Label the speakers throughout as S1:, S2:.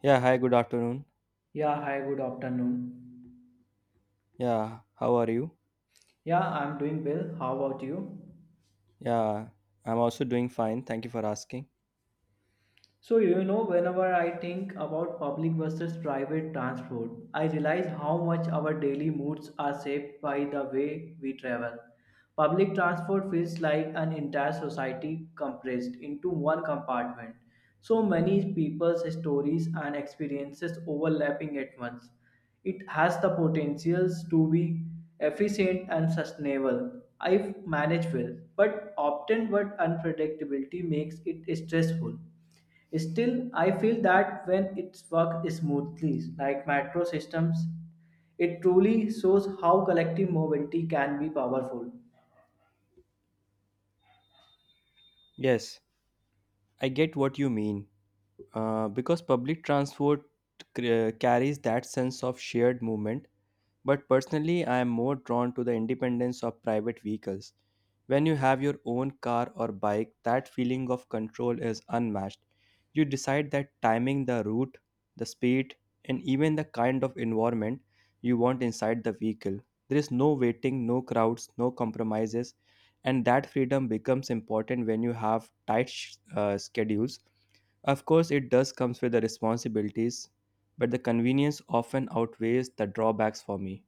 S1: Yeah, hi, good afternoon.
S2: Yeah, hi, good afternoon.
S1: Yeah, how are you?
S2: Yeah, I'm doing well. How about you?
S1: Yeah, I'm also doing fine. Thank you for asking.
S2: So, you know, whenever I think about public versus private transport, I realize how much our daily moods are shaped by the way we travel. Public transport feels like an entire society compressed into one compartment. So many people's stories and experiences overlapping at once. It has the potentials to be efficient and sustainable. I've managed well, but often what unpredictability makes it stressful. Still, I feel that when it works smoothly, like metro systems, it truly shows how collective mobility can be powerful.
S1: Yes, I get what you mean. Because public transport carries that sense of shared movement. But personally, I am more drawn to the independence of private vehicles. When you have your own car or bike, that feeling of control is unmatched. You decide that timing, the route, the speed, and even the kind of environment you want inside the vehicle. There is no waiting, no crowds, no compromises, and that freedom becomes important when you have tight schedules. Of course, it does comes with the responsibilities, but the convenience often outweighs the drawbacks for me.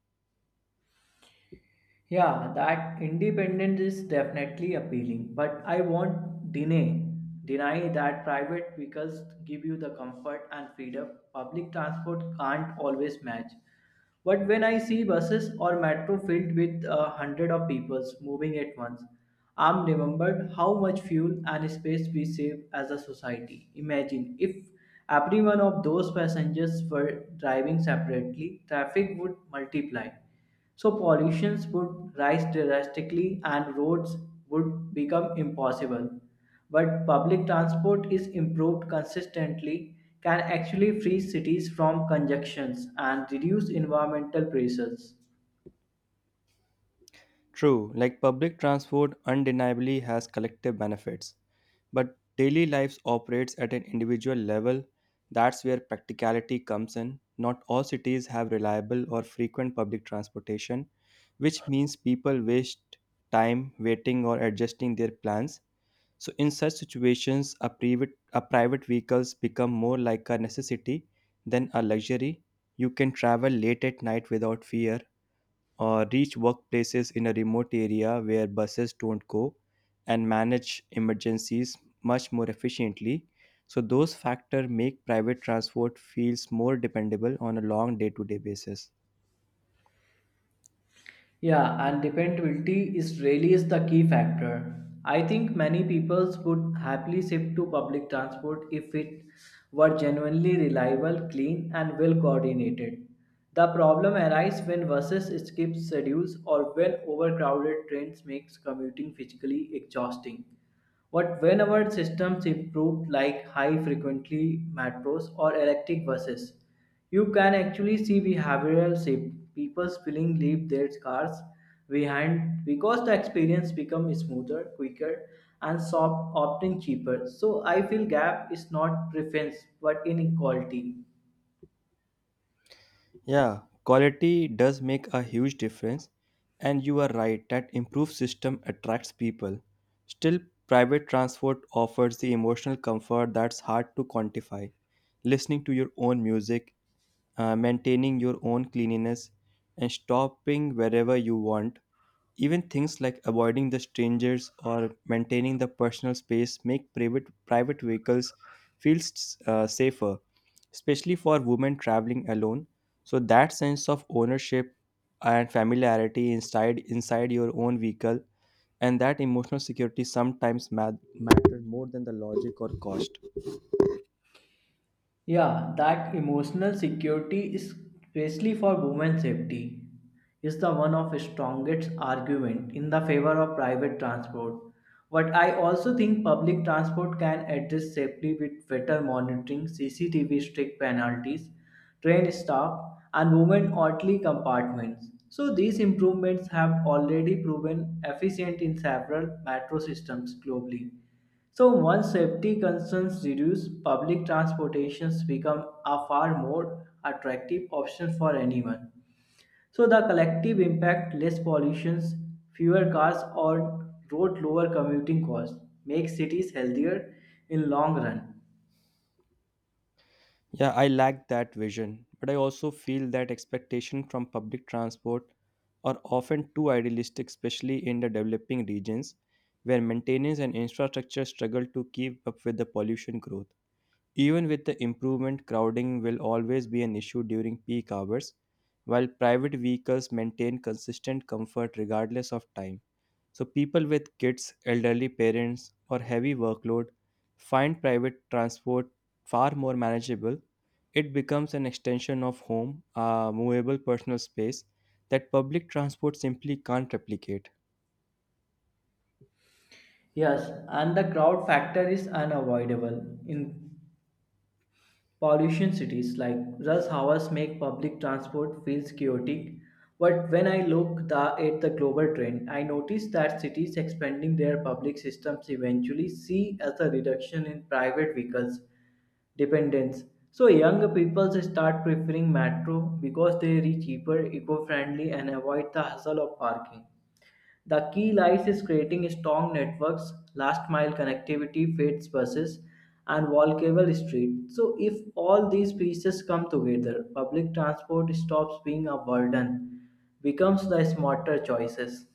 S2: Yeah, that independence is definitely appealing, but I won't deny that private vehicles give you the comfort and freedom public transport can't always match. But when I see buses or metro filled with a hundred of people moving at once, I'm remembered how much fuel and space we save as a society. Imagine if every one of those passengers were driving separately, traffic would multiply so pollutions would rise drastically and roads would become impossible. But public transport is improved consistently can actually free cities from congestions and reduce environmental pressures.
S1: True, like public transport undeniably has collective benefits, but daily life operates at an individual level. That's where practicality comes in. Not all cities have reliable or frequent public transportation, which means people waste time waiting or adjusting their plans. So, in such situations, a private vehicles become more like a necessity than a luxury. You can travel late at night without fear or reach workplaces in a remote area where buses don't go and manage emergencies much more efficiently. So, those factors make private transport feels more dependable on a long day to day basis.
S2: Yeah, and dependability is really is the key factor. I think many people would happily shift to public transport if it were genuinely reliable, clean, and well coordinated. The problem arises when buses skip schedules or when overcrowded trains makes commuting physically exhausting. But when our systems improved like high frequently metros or electric buses, you can actually see behavioral shift. People feeling leave their cars behind because the experience becomes smoother, quicker, and soft, often cheaper. So I feel gap is not preference but inequality.
S1: Yeah, quality does make a huge difference, and you are right that improved system attracts people. Still, private transport offers the emotional comfort that's hard to quantify. Listening to your own music, maintaining your own cleanliness, and stopping wherever you want. Even things like avoiding the strangers or maintaining the personal space make private vehicles feel safer, especially for women traveling alone. So that sense of ownership and familiarity inside your own vehicle and that emotional security matter more than the logic or cost.
S2: Yeah, that emotional security, especially for women's safety, is the one of strongest argument in the favor of private transport. But I also think public transport can address safely with better monitoring, CCTV strict penalties, train staff, and women orderly compartments. So these improvements have already proven efficient in several metro systems globally. So once safety concerns reduce, public transportations become a far more attractive option for anyone. So the collective impact less pollutions, fewer cars on road lower commuting costs make cities healthier in long run.
S1: Yeah, I lack that vision, but I also feel that expectation from public transport are often too idealistic, especially in the developing regions where maintenance and infrastructure struggle to keep up with the pollution growth. Even with the improvement, crowding will always be an issue during peak hours, while private vehicles maintain consistent comfort regardless of time. So, people with kids, elderly parents, or heavy workload find private transport far more manageable. It becomes an extension of home, a movable personal space that public transport simply can't replicate.
S2: Yes, and the crowd factor is unavoidable in pollution cities like rush hours make public transport feels chaotic, but when I at the global trend, I notice that cities expanding their public systems eventually see as a reduction in private vehicles dependence. So younger people start preferring metro because they reach cheaper, eco-friendly, and avoid the hassle of parking. The key lies is creating strong networks, last mile connectivity, freight buses, and walkable street. So if all these pieces come together, public transport stops being a burden, becomes the smarter choices.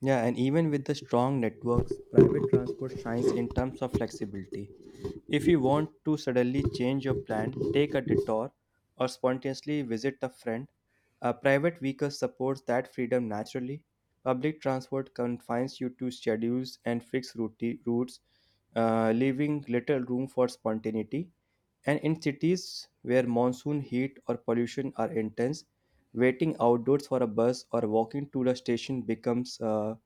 S1: Yeah, and even with the strong networks, private transport shines in terms of flexibility. If you want to suddenly change your plan, take a detour, or spontaneously visit a friend, a private vehicle supports that freedom naturally. Public transport confines you to schedules and fixed routes, leaving little room for spontaneity. And in cities where monsoon heat or pollution are intense, waiting outdoors for a bus or walking to the station becomes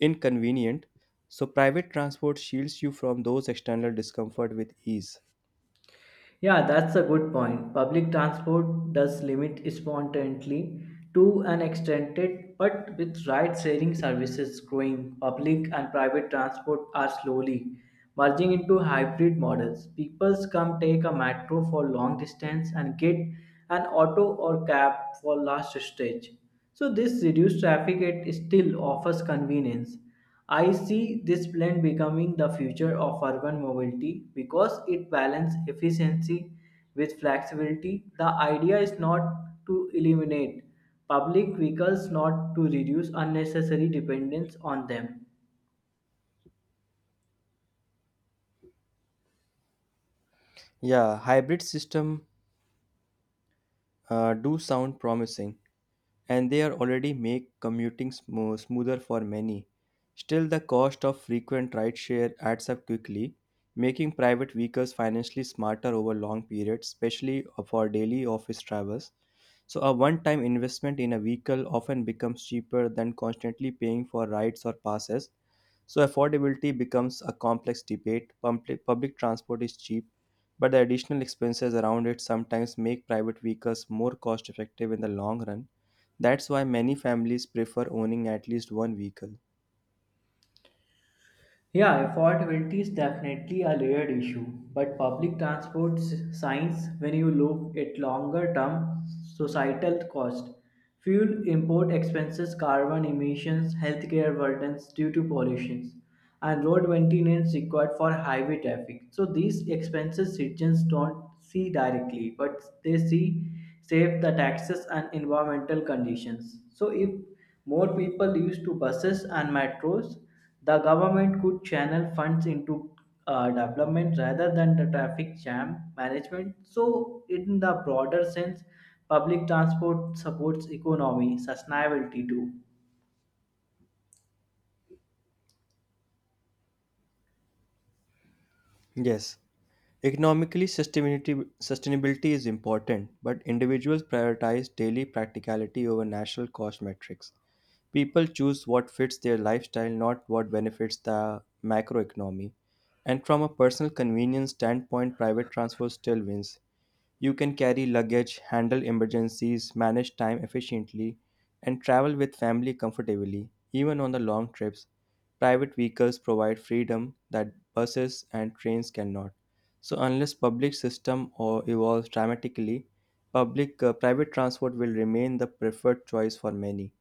S1: inconvenient, so private transport shields you from those external discomfort with ease.
S2: Yeah, that's a good point. Public transport does limit spontaneity to an extent, but with ride sharing services growing, public and private transport are slowly merging into hybrid models. People come take a metro for long distance and get an auto or cab for last stage. So this reduced traffic it still offers convenience. I see this plan becoming the future of urban mobility because it balances efficiency with flexibility. The idea is not to eliminate public vehicles, not to reduce unnecessary dependence on them.
S1: Yeah, hybrid system do sound promising, and they are already make commuting smoother for many. Still, the cost of frequent rideshare adds up quickly, making private vehicles financially smarter over long periods, especially for daily office travels. So, a one time investment in a vehicle often becomes cheaper than constantly paying for rides or passes. So, affordability becomes a complex debate. Public transport is cheap, but the additional expenses around it sometimes make private vehicles more cost effective in the long run. That's why many families prefer owning at least one vehicle.
S2: Yeah, affordability is definitely a layered issue, but public transport science, when you look at longer term societal cost, fuel import expenses, carbon emissions, healthcare burdens due to pollutions, and road maintenance required for highway traffic. So these expenses citizens don't see directly, but they see save the taxes and environmental conditions. So if more people used to buses and metros, the government could channel funds into development rather than the traffic jam management. So, in the broader sense, public transport supports economy sustainability too.
S1: Yes. Economically, sustainability is important, but individuals prioritize daily practicality over national cost metrics. People choose what fits their lifestyle, not what benefits the macroeconomy. And from a personal convenience standpoint, private transport still wins. You can carry luggage, handle emergencies, manage time efficiently, and travel with family comfortably, even on the long trips. Private vehicles provide freedom that buses and trains cannot. So unless public system or evolves dramatically, public private transport will remain the preferred choice for many.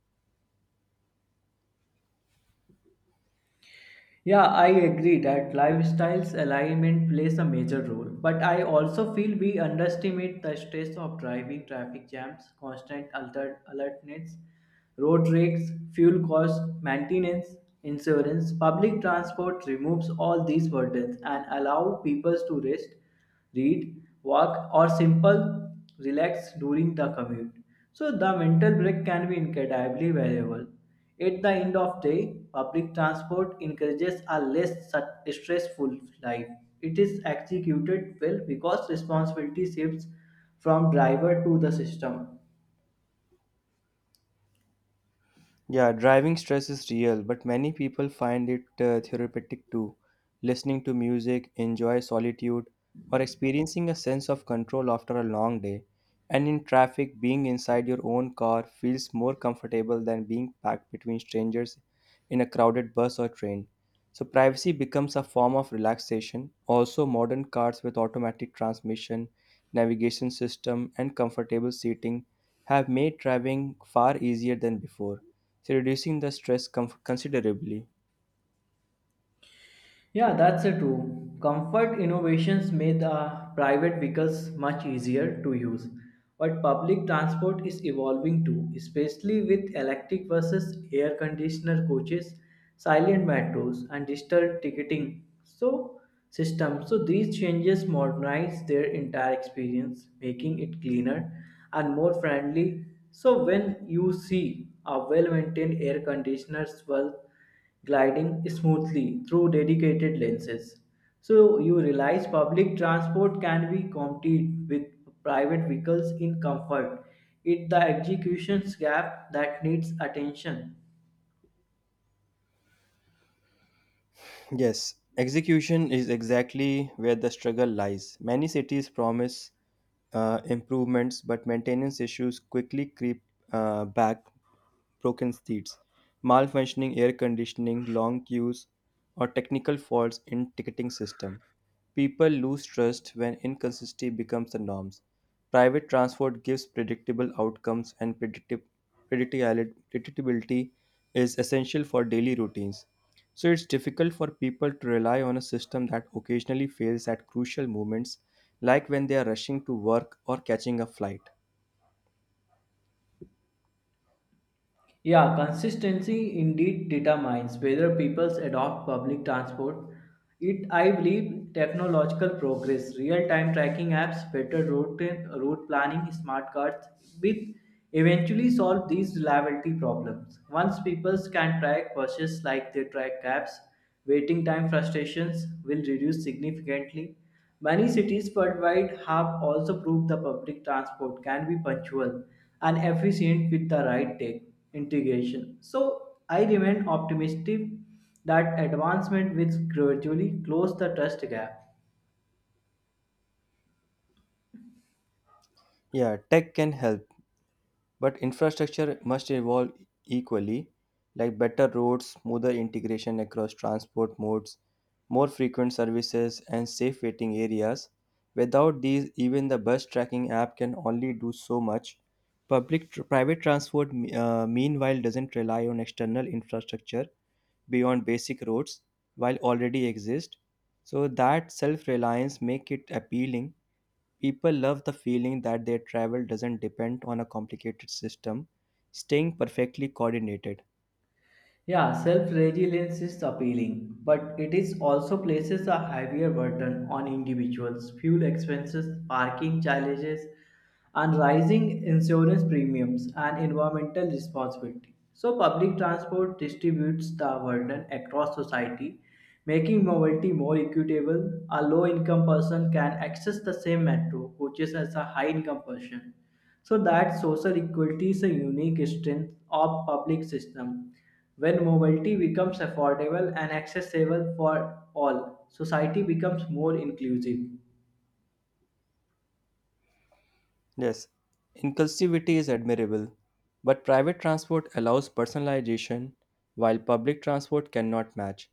S2: Yeah, I agree that lifestyles alignment plays a major role, but I also feel we underestimate the stress of driving, traffic jams, constant alertness, road rakes, fuel costs, maintenance, insurance. Public transport removes all these burdens and allow people to rest, read, walk, or simple relax during the commute. So the mental break can be incredibly valuable. At the end of day, public transport encourages a less stressful life. It is executed well because responsibility shifts from driver to the system.
S1: Yeah, driving stress is real, but many people find it therapeutic too. Listening to music, enjoy solitude, or experiencing a sense of control after a long day. And in traffic, being inside your own car feels more comfortable than being packed between strangers in a crowded bus or train. So, privacy becomes a form of relaxation. Also, modern cars with automatic transmission, navigation system, and comfortable seating have made driving far easier than before, so reducing the stress considerably.
S2: Yeah, that's a true. Comfort innovations made the private vehicles much easier to use. But public transport is evolving too, especially with electric buses, air conditioner coaches, silent metros, and digital ticketing so system. So these changes modernize their entire experience, making it cleaner and more friendly. So when you see a well-maintained air conditioner's well gliding smoothly through dedicated lenses. So you realize public transport can be competed with private vehicles in comfort. It's the executions gap that needs attention.
S1: Yes, execution is exactly where the struggle lies. Many cities promise improvements, but maintenance issues quickly creep back, broken streets, malfunctioning air conditioning, long queues, or technical faults in ticketing system. People lose trust when inconsistency becomes the norms. Private transport gives predictable outcomes, and predictability is essential for daily routines. So it's difficult for people to rely on a system that occasionally fails at crucial moments, like when they are rushing to work or catching a flight.
S2: Yeah, consistency indeed determines whether people adopt public transport. It, I believe, technological progress, real-time tracking apps, better route planning, smart cards, will eventually solve these reliability problems. Once people can track buses like they track cabs, waiting time frustrations will reduce significantly. Many cities worldwide have also proved the public transport can be punctual and efficient with the right tech integration. So I remain optimistic that advancement will gradually close the trust gap.
S1: Yeah, tech can help, but infrastructure must evolve equally, like better roads, smoother integration across transport modes, more frequent services, and safe waiting areas. Without these, even the bus tracking app can only do so much. Private transport, meanwhile, doesn't rely on external infrastructure beyond basic roads while already exist. So that self-reliance make it appealing. People love the feeling that their travel doesn't depend on a complicated system, staying perfectly coordinated.
S2: Yeah, self resilience is appealing, but it is also places a heavier burden on individuals. Fuel expenses, parking challenges, and rising insurance premiums and environmental responsibility. So, public transport distributes the burden across society, making mobility more equitable. A low income person can access the same metro coaches as a high income person. So that social equality is a unique strength of public system. When mobility becomes affordable and accessible for all, society becomes more inclusive.
S1: Yes, inclusivity is admirable, but private transport allows personalization while public transport cannot match.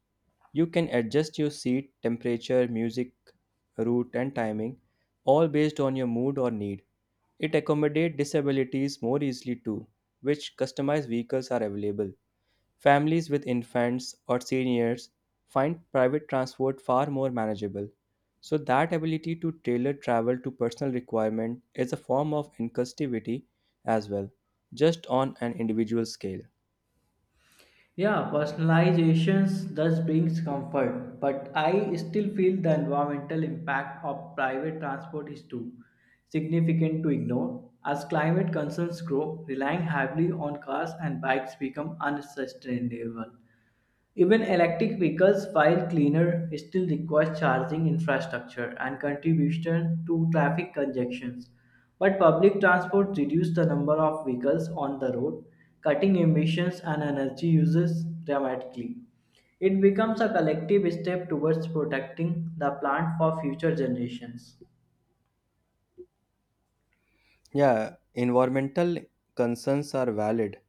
S1: You can adjust your seat, temperature, music, route, and timing, all based on your mood or need. It accommodates disabilities more easily too, which customized vehicles are available. Families with infants or seniors find private transport far more manageable. So that ability to tailor travel to personal requirement is a form of inclusivity as well, just on an individual scale.
S2: Yeah, personalizations thus brings comfort, but I still feel the environmental impact of private transport is too significant to ignore. As climate concerns grow, relying heavily on cars and bikes become unsustainable. Even electric vehicles, while cleaner, still require charging infrastructure and contribution to traffic congestions. But public transport reduces the number of vehicles on the road, cutting emissions and energy uses dramatically. It becomes a collective step towards protecting the planet for future generations.
S1: Yeah, environmental concerns are valid.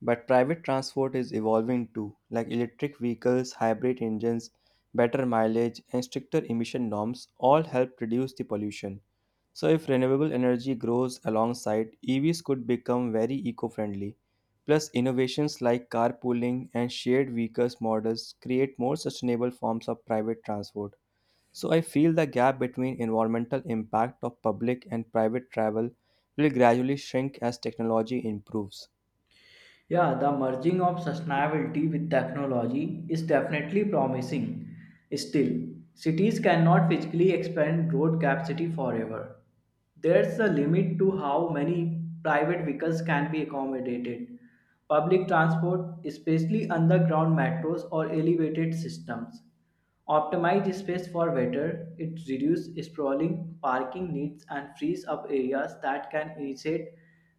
S1: But private transport is evolving too, like electric vehicles, hybrid engines, better mileage, and stricter emission norms all help reduce the pollution. So, if renewable energy grows alongside, EVs could become very eco friendly. Plus, innovations like carpooling and shared vehicles models create more sustainable forms of private transport. So, I feel the gap between environmental impact of public and private travel will gradually shrink as technology improves.
S2: Yeah, the merging of sustainability with technology is definitely promising. Still, cities cannot physically expand road capacity forever. There's a limit to how many private vehicles can be accommodated. Public transport, especially underground metros or elevated systems, optimize space for water, it reduces sprawling parking needs and frees up areas that can instead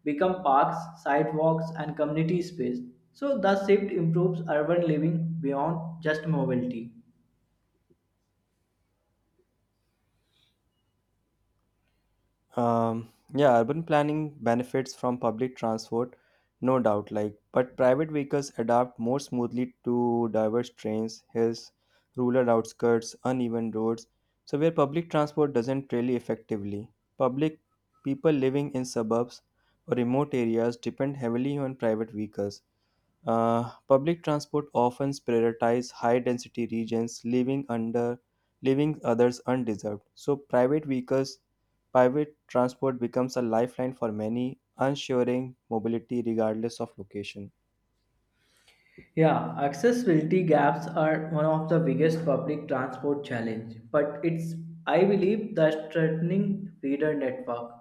S2: become parks, sidewalks, and community space. So, the shift improves urban living beyond just mobility.
S1: Um, yeah, urban planning benefits from public transport, no doubt. Like, but private vehicles adapt more smoothly to diverse trains, hills, rural outskirts, uneven roads. So where public transport doesn't really effectively. Public people living in suburbs or remote areas depend heavily on private vehicles. Public transport often prioritizes high-density regions, leaving others undeserved. So private vehicles, private transport becomes a lifeline for many, ensuring mobility regardless of location.
S2: Yeah, accessibility gaps are one of the biggest public transport challenge, but it's I believe the strengthening feeder network.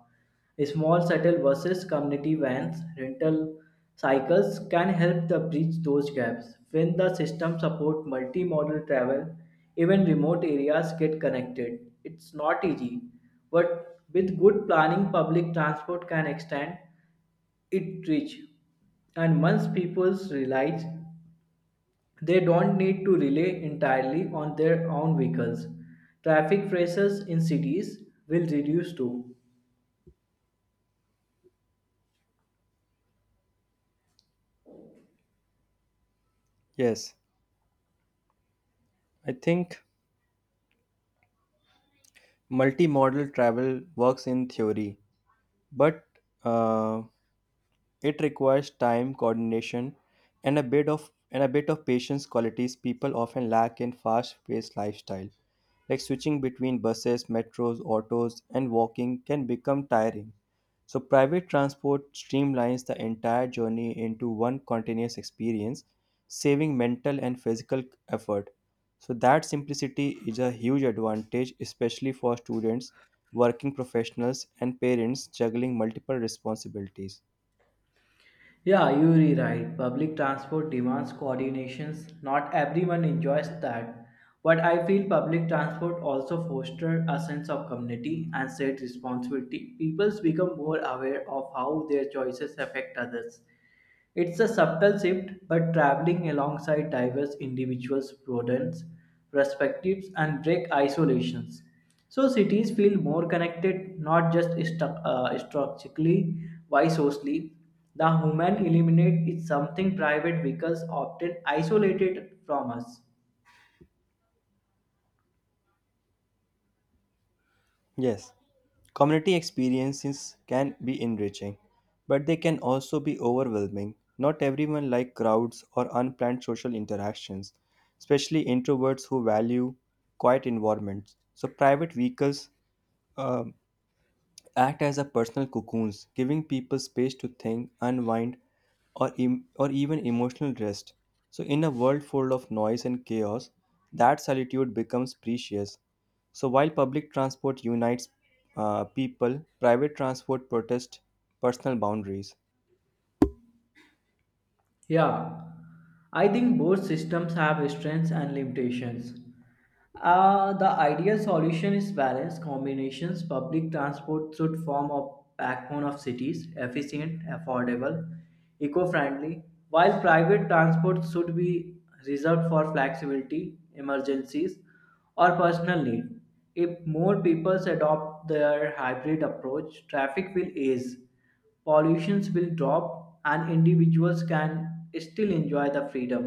S2: Small shuttle buses, community vans, rental cycles can help to bridge those gaps. When the system support multimodal travel, even remote areas get connected. It's not easy, but with good planning, public transport can extend it reach and once people realize they don't need to rely entirely on their own vehicles. Traffic pressures in cities will reduce too.
S1: Yes, I think multimodal travel works in theory, but uh, it requires time, coordination, and a bit of patience qualities people often lack in fast-paced lifestyle. Like switching between buses, metros, autos, and walking can become tiring. So private transport streamlines the entire journey into one continuous experience, saving mental and physical effort. So that simplicity is a huge advantage, especially for students, working professionals, and parents juggling multiple responsibilities.
S2: Yeah, you're right. Public transport demands coordinations. Not everyone enjoys that. But I feel public transport also fosters a sense of community and shared responsibility. People become more aware of how their choices affect others. It's a subtle shift, but traveling alongside diverse individuals broadens perspectives and break isolations. So cities feel more connected, not just structurally, why socially. The human element is something private because often isolated from us.
S1: Yes, community experiences can be enriching, but they can also be overwhelming. Not everyone likes crowds or unplanned social interactions, especially introverts who value quiet environments. So, private vehicles um, act as a personal cocoons, giving people space to think, unwind, or even emotional rest. So, in a world full of noise and chaos, that solitude becomes precious. So, while public transport unites people, private transport protests personal boundaries.
S2: Yeah, I think both systems have strengths and limitations. The ideal solution is balanced combinations. Public transport should form a backbone of cities, efficient, affordable, eco friendly, while private transport should be reserved for flexibility, emergencies, or personal need. If more people adopt their hybrid approach, traffic will ease pollutions will drop and individuals can still enjoy the freedom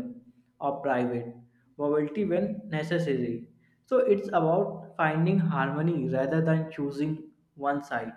S2: of private mobility when necessary. So it's about finding harmony rather than choosing one side.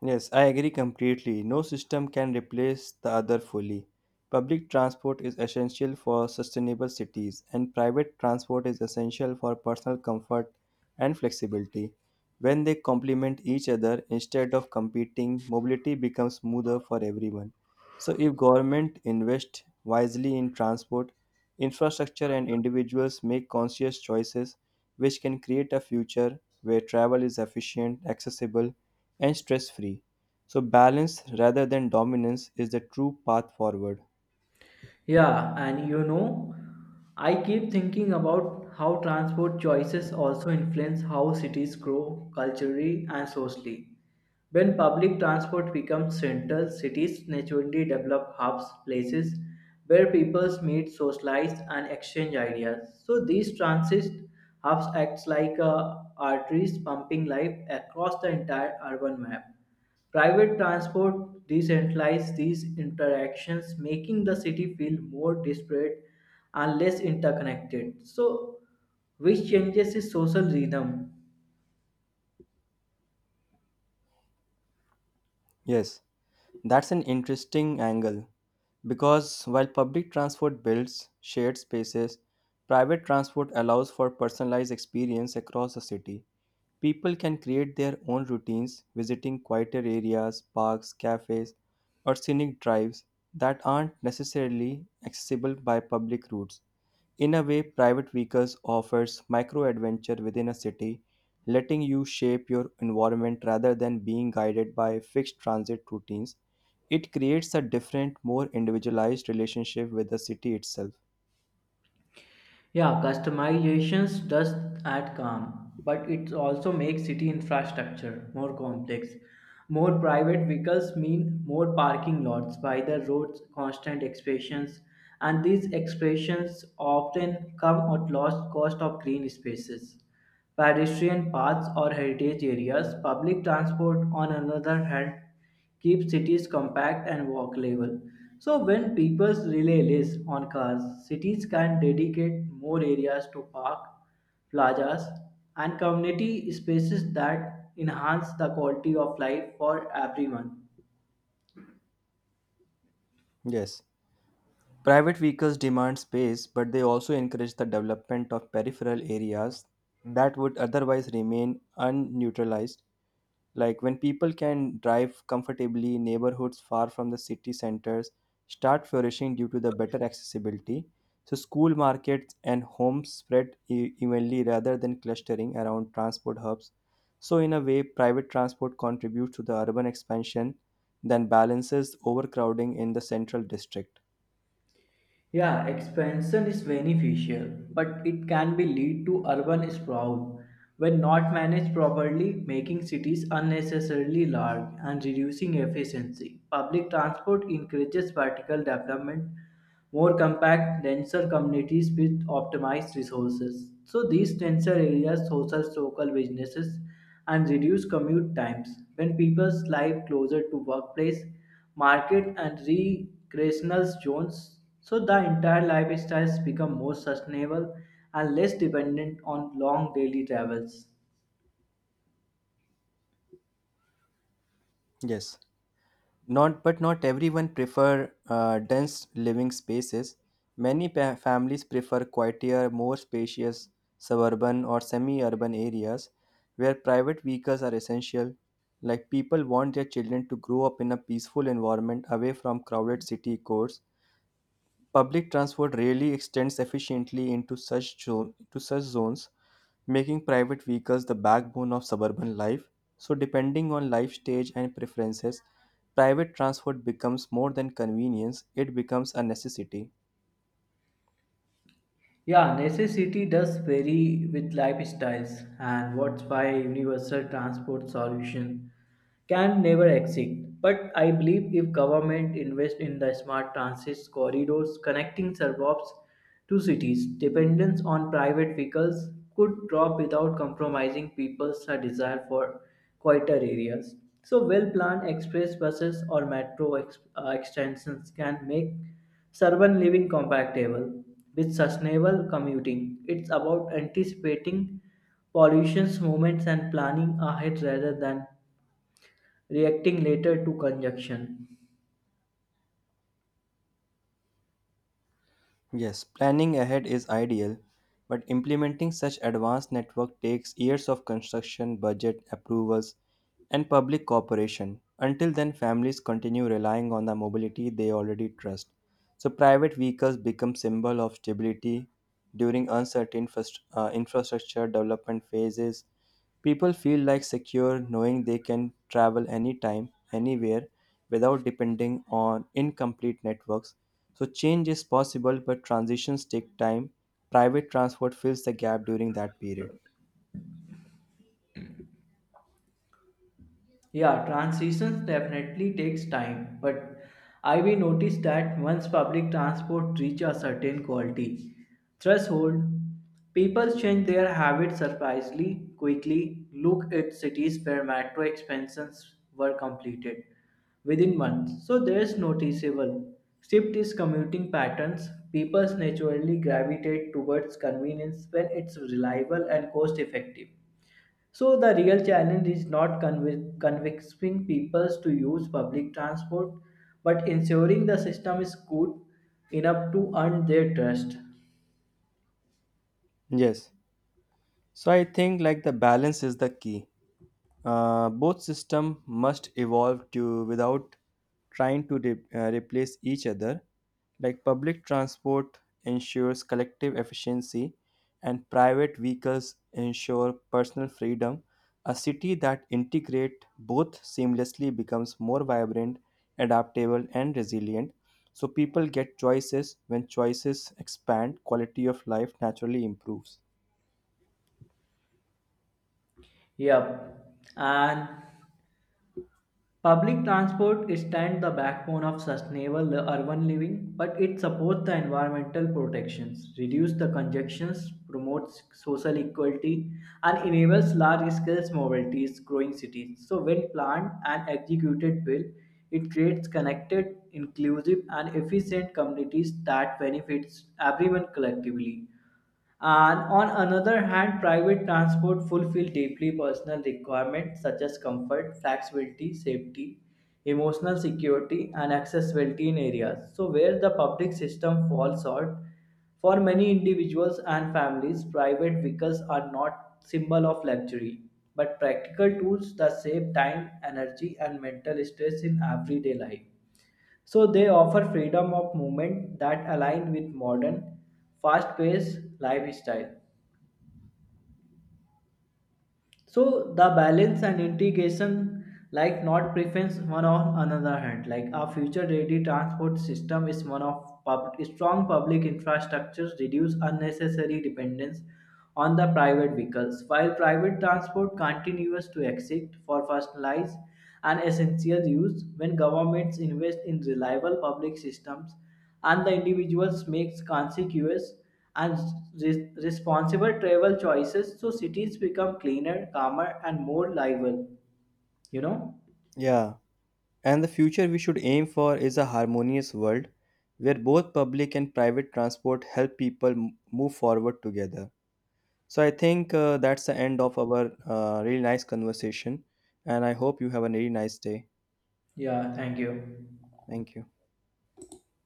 S1: Yes, I agree completely. No system can replace the other fully. Public transport is essential for sustainable cities, and private transport is essential for personal comfort and flexibility. When they complement each other instead of competing, mobility becomes smoother for everyone. So, if government invest wisely in transport, infrastructure, and individuals make conscious choices, which can create a future where travel is efficient, accessible, and stress free. So, balance rather than dominance is the true path forward.
S2: Yeah, and you know, I keep thinking about how transport choices also influence how cities grow culturally and socially. When public transport becomes central, cities naturally develop hubs, places where people meet, socialize, and exchange ideas. So these transit hubs act like arteries pumping life across the entire urban map. Private transport decentralizes these interactions, making the city feel more disparate and less interconnected. So, which changes the social rhythm.
S1: Yes, that's an interesting angle because while public transport builds shared spaces, private transport allows for personalized experience across the city. People can create their own routines, visiting quieter areas, parks, cafes, or scenic drives that aren't necessarily accessible by public routes. In a way, private vehicles offers micro adventure within a city, letting you shape your environment rather than being guided by fixed transit routines. It creates a different, more individualized relationship with the city itself.
S2: Yeah, customizations does add calm, but it also makes city infrastructure more complex. More private vehicles mean more parking lots by the roads, constant expansions, and these expansions often come at lost cost of green spaces, pedestrian paths, or heritage areas. Public transport, on another hand, keep cities compact and walkable. So when people rely less on cars, cities can dedicate more areas to park, plazas, and community spaces that enhance the quality of life for everyone.
S1: Yes. Private vehicles demand space, but they also encourage the development of peripheral areas that would otherwise remain unneutralized. Like when people can drive comfortably, neighborhoods far from the city centers start flourishing due to the better accessibility. So school markets and homes spread evenly rather than clustering around transport hubs. So in a way, private transport contributes to the urban expansion, then balances overcrowding in the central district.
S2: Yeah, expansion is beneficial, but it can be lead to urban sprawl when not managed properly, making cities unnecessarily large and reducing efficiency. Public transport encourages vertical development more compact, denser communities with optimized resources. So these denser areas host local businesses and reduce commute times. When people's live closer to workplace, market and recreational zones, so the entire lifestyles become more sustainable and less dependent on long daily travels.
S1: Yes. Not, but not everyone prefer dense living spaces. Many families prefer quieter, more spacious suburban or semi-urban areas where private vehicles are essential. Like people want their children to grow up in a peaceful environment away from crowded city cores. Public transport rarely extends efficiently into to such zones, making private vehicles the backbone of suburban life. So, depending on life stage and preferences, private transport becomes more than convenience, it becomes a necessity.
S2: Yeah, necessity does vary with lifestyles, and what's why universal transport solution can never exist. But I believe if government invest in the smart transit corridors connecting suburbs to cities, dependence on private vehicles could drop without compromising people's desire for quieter areas. So, well-planned express buses or metro extensions can make urban living compatible with sustainable commuting. It's about anticipating pollution's movements and planning ahead rather than reacting later to conjunction.
S1: Yes, planning ahead is ideal, but implementing such advanced network takes years of construction, budget approvals, and public cooperation. Until then, families continue relying on the mobility they already trust. So private vehicles become symbol of stability during uncertain infrastructure development phases. People feel like secure knowing they can travel anytime, anywhere without depending on incomplete networks. So change is possible, but transitions take time. Private transport fills the gap during that period.
S2: Yeah, transitions definitely takes time, but I will notice that once public transport reaches a certain quality threshold, people change their habits surprisingly quickly. Look at cities where metro expansions were completed within months, so there is noticeable shift is commuting patterns. People naturally gravitate towards convenience when it's reliable and cost effective. So the real challenge is not convincing people to use public transport, but ensuring the system is good enough to earn their trust.
S1: Yes. So I think like the balance is the key. Both system must evolve to without trying to replace each other. Like public transport ensures collective efficiency, and private vehicles ensure personal freedom. A city that integrate both seamlessly becomes more vibrant, adaptable, and resilient. So people get choices. When choices expand, quality of life naturally improves.
S2: Yep. And public transport stands the backbone of sustainable urban living, but it supports the environmental protections, reduces the congestions, promotes social equality, and enables large-scale mobilities growing cities. So when planned and executed well, it creates connected, inclusive, and efficient communities that benefits everyone collectively. And on another hand, private transport fulfill deeply personal requirements such as comfort, flexibility, safety, emotional security, and accessibility in areas. So where the public system falls short, for many individuals and families, private vehicles are not symbol of luxury, but practical tools that save time, energy, and mental stress in everyday life. So they offer freedom of movement that align with modern, fast-paced lifestyle. So the balance and integration like not preference one on another hand. Like a future-ready transport system is one of strong public infrastructures reduce unnecessary dependence on the private vehicles, while private transport continues to exist for personalized and essential use when governments invest in reliable public systems and the individuals makes consequous and responsible travel choices so cities become cleaner calmer and more livable you know
S1: Yeah. And the future we should aim for is a harmonious world where both public and private transport help people move forward together. So I think that's the end of our really nice conversation. And I hope you have a really nice day.
S2: yeah thank you
S1: Thank you.